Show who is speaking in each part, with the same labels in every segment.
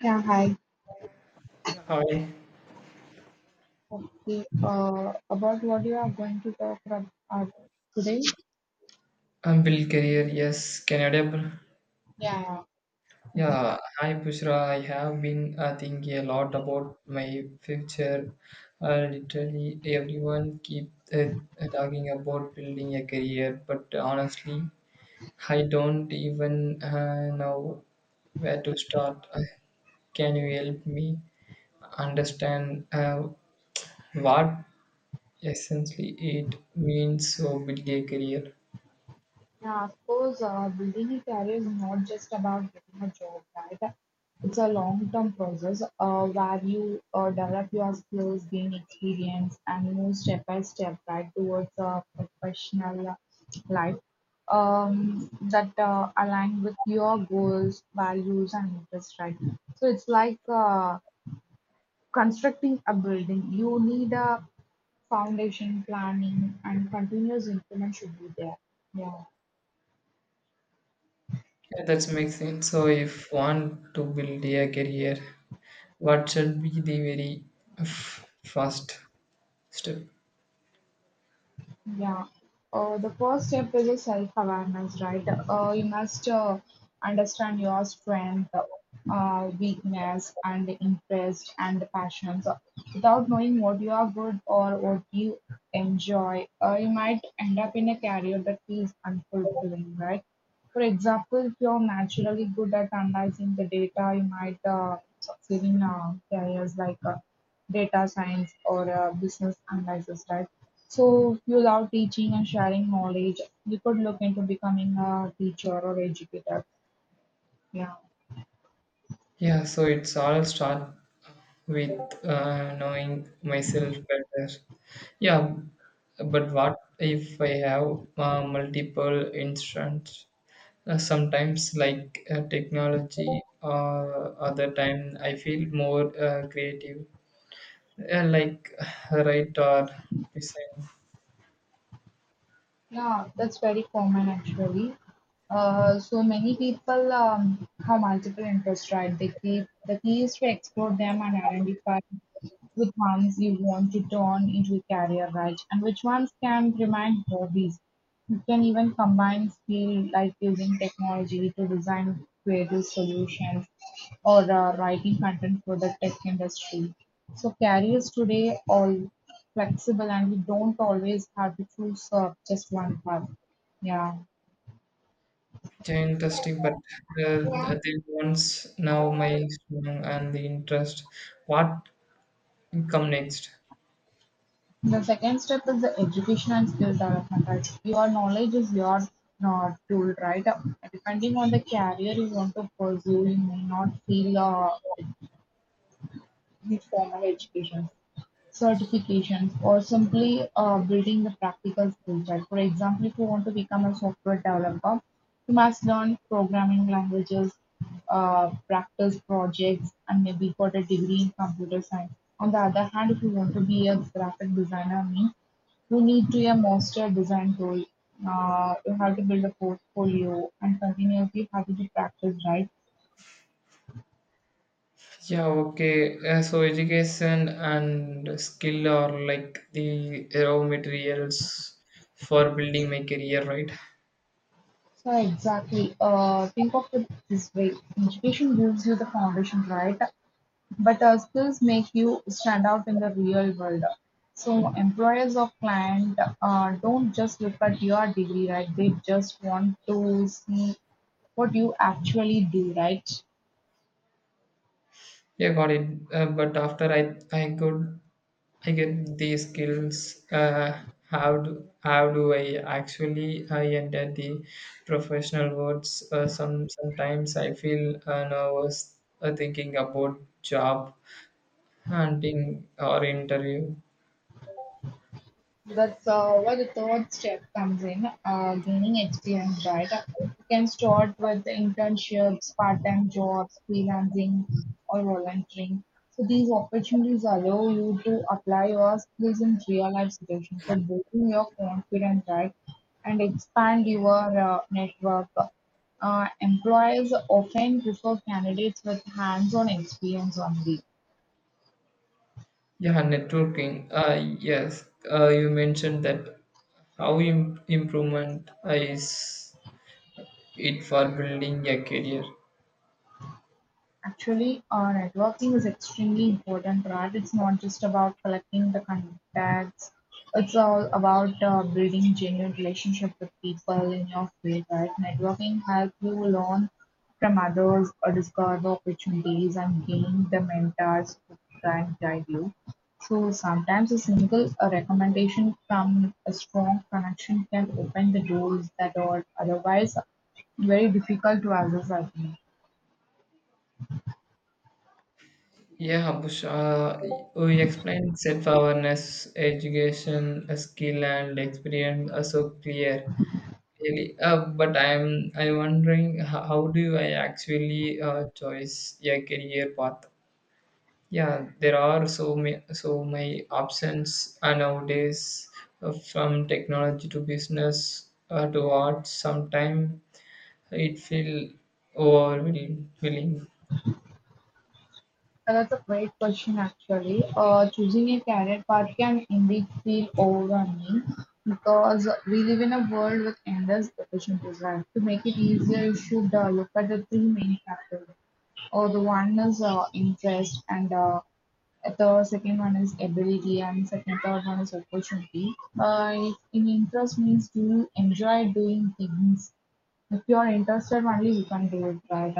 Speaker 1: Yeah, hi.
Speaker 2: Hi,
Speaker 1: Okay, about what you are going to talk about today?
Speaker 2: I'm Bill Career, yes, Canada.
Speaker 1: Yeah, yeah. Okay.
Speaker 2: Yeah, hi Bushra. I have been thinking a lot about my future. Literally, everyone keep talking about building a career, but honestly, I don't even know where to start. Can you help me understand what essentially it means to build a career?
Speaker 1: Yeah, of course, building a career is not just about getting a job, right? It's a long-term process where you develop your skills, gain experience, and move step by step, right, towards a professional life that align with your goals, values, and interests, right? So it's like Constructing a building, you need a foundation, planning, and continuous improvement should be there. Yeah.
Speaker 2: Yeah, that's makes sense. So, if want to build a career, what should be the very first step?
Speaker 1: Yeah. The first step is a self-awareness, right? You must understand your strength, weakness, and interest and passions. Without knowing what you are good or what you enjoy, you might end up in a career that feels unfulfilling, right? For example, if you're naturally good at analyzing the data, you might succeed in careers like data science or a business analysis, right? So if you love teaching and sharing knowledge, you could look into becoming a teacher or educator. Yeah,
Speaker 2: Yeah, so it's all start with knowing myself better. Yeah, but what if I have multiple instruments? Sometimes, like technology, or other time, I feel more creative, uh, like write or design.
Speaker 1: yeah, that's very common actually. So many people have multiple interests, right? They keep the key is to explore them and identify which ones you want to turn into a career, right? And which ones can remain hobbies. You can even combine skill like using technology to design creative solutions or writing content for the tech industry. So careers today are flexible and we don't always have to choose just one path. Yeah.
Speaker 2: Yeah, interesting, but the ones now my strong and the interest. What come next?
Speaker 1: The second step is the education and skill development. Right? Your knowledge is your tool, right? Depending on the career you want to pursue, you may not feel The formal education, certifications, or simply building the practical skill set. For example, if you want to become a software developer, you must learn programming languages, practice projects, and maybe got a degree in computer science. On the other hand, if you want to be a graphic designer, means you need to a master design tool. You have to build a portfolio and continuously have to practice, right?
Speaker 2: Yeah, okay. So education and skill are like the raw materials for building my career, right?
Speaker 1: So exactly, think of it this way: education gives you the foundation, right? But skills make you stand out in the real world. So employers or client don't just look at your degree, right? They just want to see what you actually do, right?
Speaker 2: Yeah, got it. But after I could I get these skills, how do how do I actually I enter the professional worlds? Sometimes I feel nervous thinking about job hunting or interview.
Speaker 1: That's where the third step comes in, gaining experience, right? You can start with the internships, part-time jobs, freelancing, or volunteering. So these opportunities allow you to apply your skills in real-life situations, so building your confidence, right, and expand your network. Employers often prefer candidates with hands-on experience only.
Speaker 2: Yeah, networking. Yes, you mentioned that how improvement is it for building a career.
Speaker 1: Actually, networking is extremely important, right? It's not just about collecting the contacts. It's all about building genuine relationship with people in your field, right? Networking helps you learn from others, or discover the opportunities, and gain the mentors who can guide you. So sometimes a single a recommendation from a strong connection can open the doors that are otherwise very difficult to access, I think.
Speaker 2: Yeah, Bush, we explained self-awareness, education, skill, and experience are so clear. Really, but I'm wondering how do I actually choose a career path? Yeah, there are so many options nowadays, from technology to business to art. Sometimes it feel overwhelming.
Speaker 1: So that's a great question, actually. Choosing a career path can indeed feel overwhelming because we live in a world with endless opportunities, right? To make it easier, you should look at the three main factors. Or the one is interest, and the second one is ability, and second third one is opportunity. If in interest means do you enjoy doing things if you're interested only you can do it, right?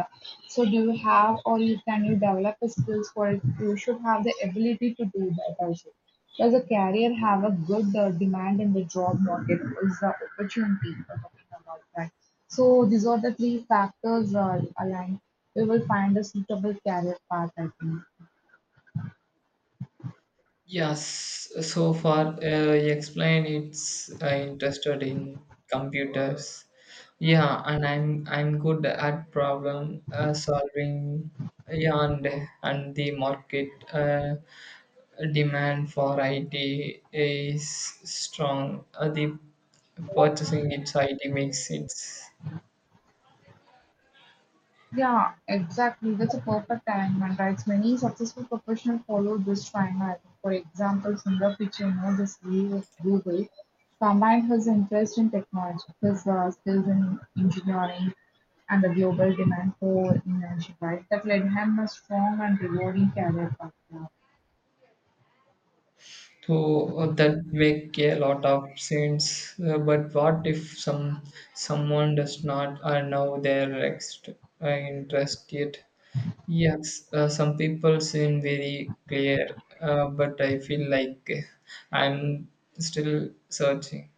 Speaker 1: So do you have or you can you develop the skills for it? You should have the ability to do that also. Does a career have a good demand in the job market? Is the opportunity we're talking about that? So these are the three factors aligned. We will find a suitable career path, I think.
Speaker 2: Yes, so far you explain it's interested in computers. Yeah, and I'm good at problem solving. Yeah, and the market demand for IT is strong. The purchasing its IT makes it.
Speaker 1: Yeah, exactly. That's a perfect alignment, right? Many successful professionals follow this triangle. For example, Sundar Pichai, you know, the CEO of Google, combined his interest in technology, his skills in engineering, and the global demand for innovation, right? That led him a strong and rewarding career path. Yeah.
Speaker 2: So that make a lot of sense. But what if someone does not know their interest yet? Yes, some people seem very clear, but I feel like I'm still searching.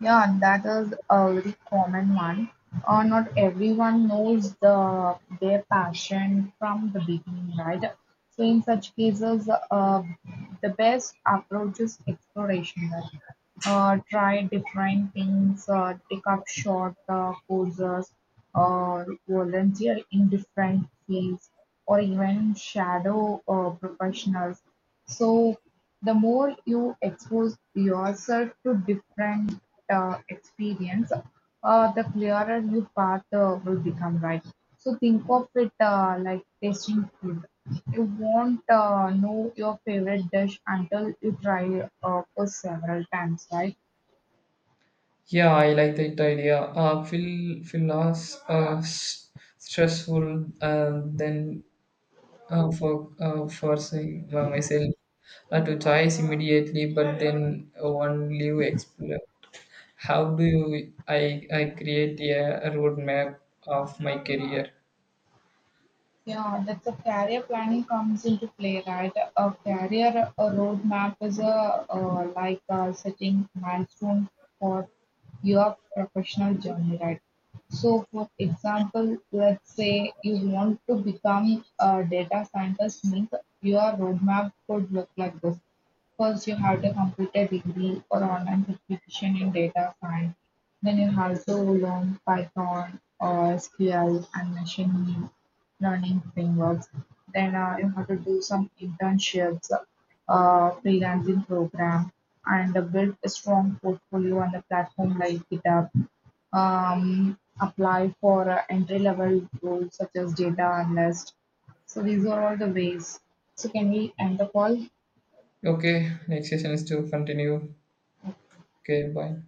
Speaker 1: Yeah, that is a very common one. Not everyone knows the their passion from the beginning, right? So in such cases, the best approach is exploration. Right? Try different things, take up short courses, or volunteer in different fields, or even shadow professionals. So the more you expose yourself to different experience, the clearer your path will become, right? So think of it like tasting food. You won't know your favorite dish until you try for several times, right?
Speaker 2: Yeah, I like that idea. Feel less stressful, then for forcing myself to choice immediately, but then one live explore. How do I create a roadmap of my career?
Speaker 1: Yeah, that's a career planning comes into play, right? A career a roadmap is a like setting milestone for your professional journey, right? So, for example, let's say you want to become a data scientist, means your roadmap could look like this. First you have to complete a degree or online certification in data science. Then you have to learn Python or SQL and machine learning frameworks. Then you have to do some internships, freelancing program, and build a strong portfolio on the platform like GitHub. Apply for entry-level roles such as data analyst. So these are all the ways. So can we end the call?
Speaker 2: Okay, next session is to continue. Okay, bye.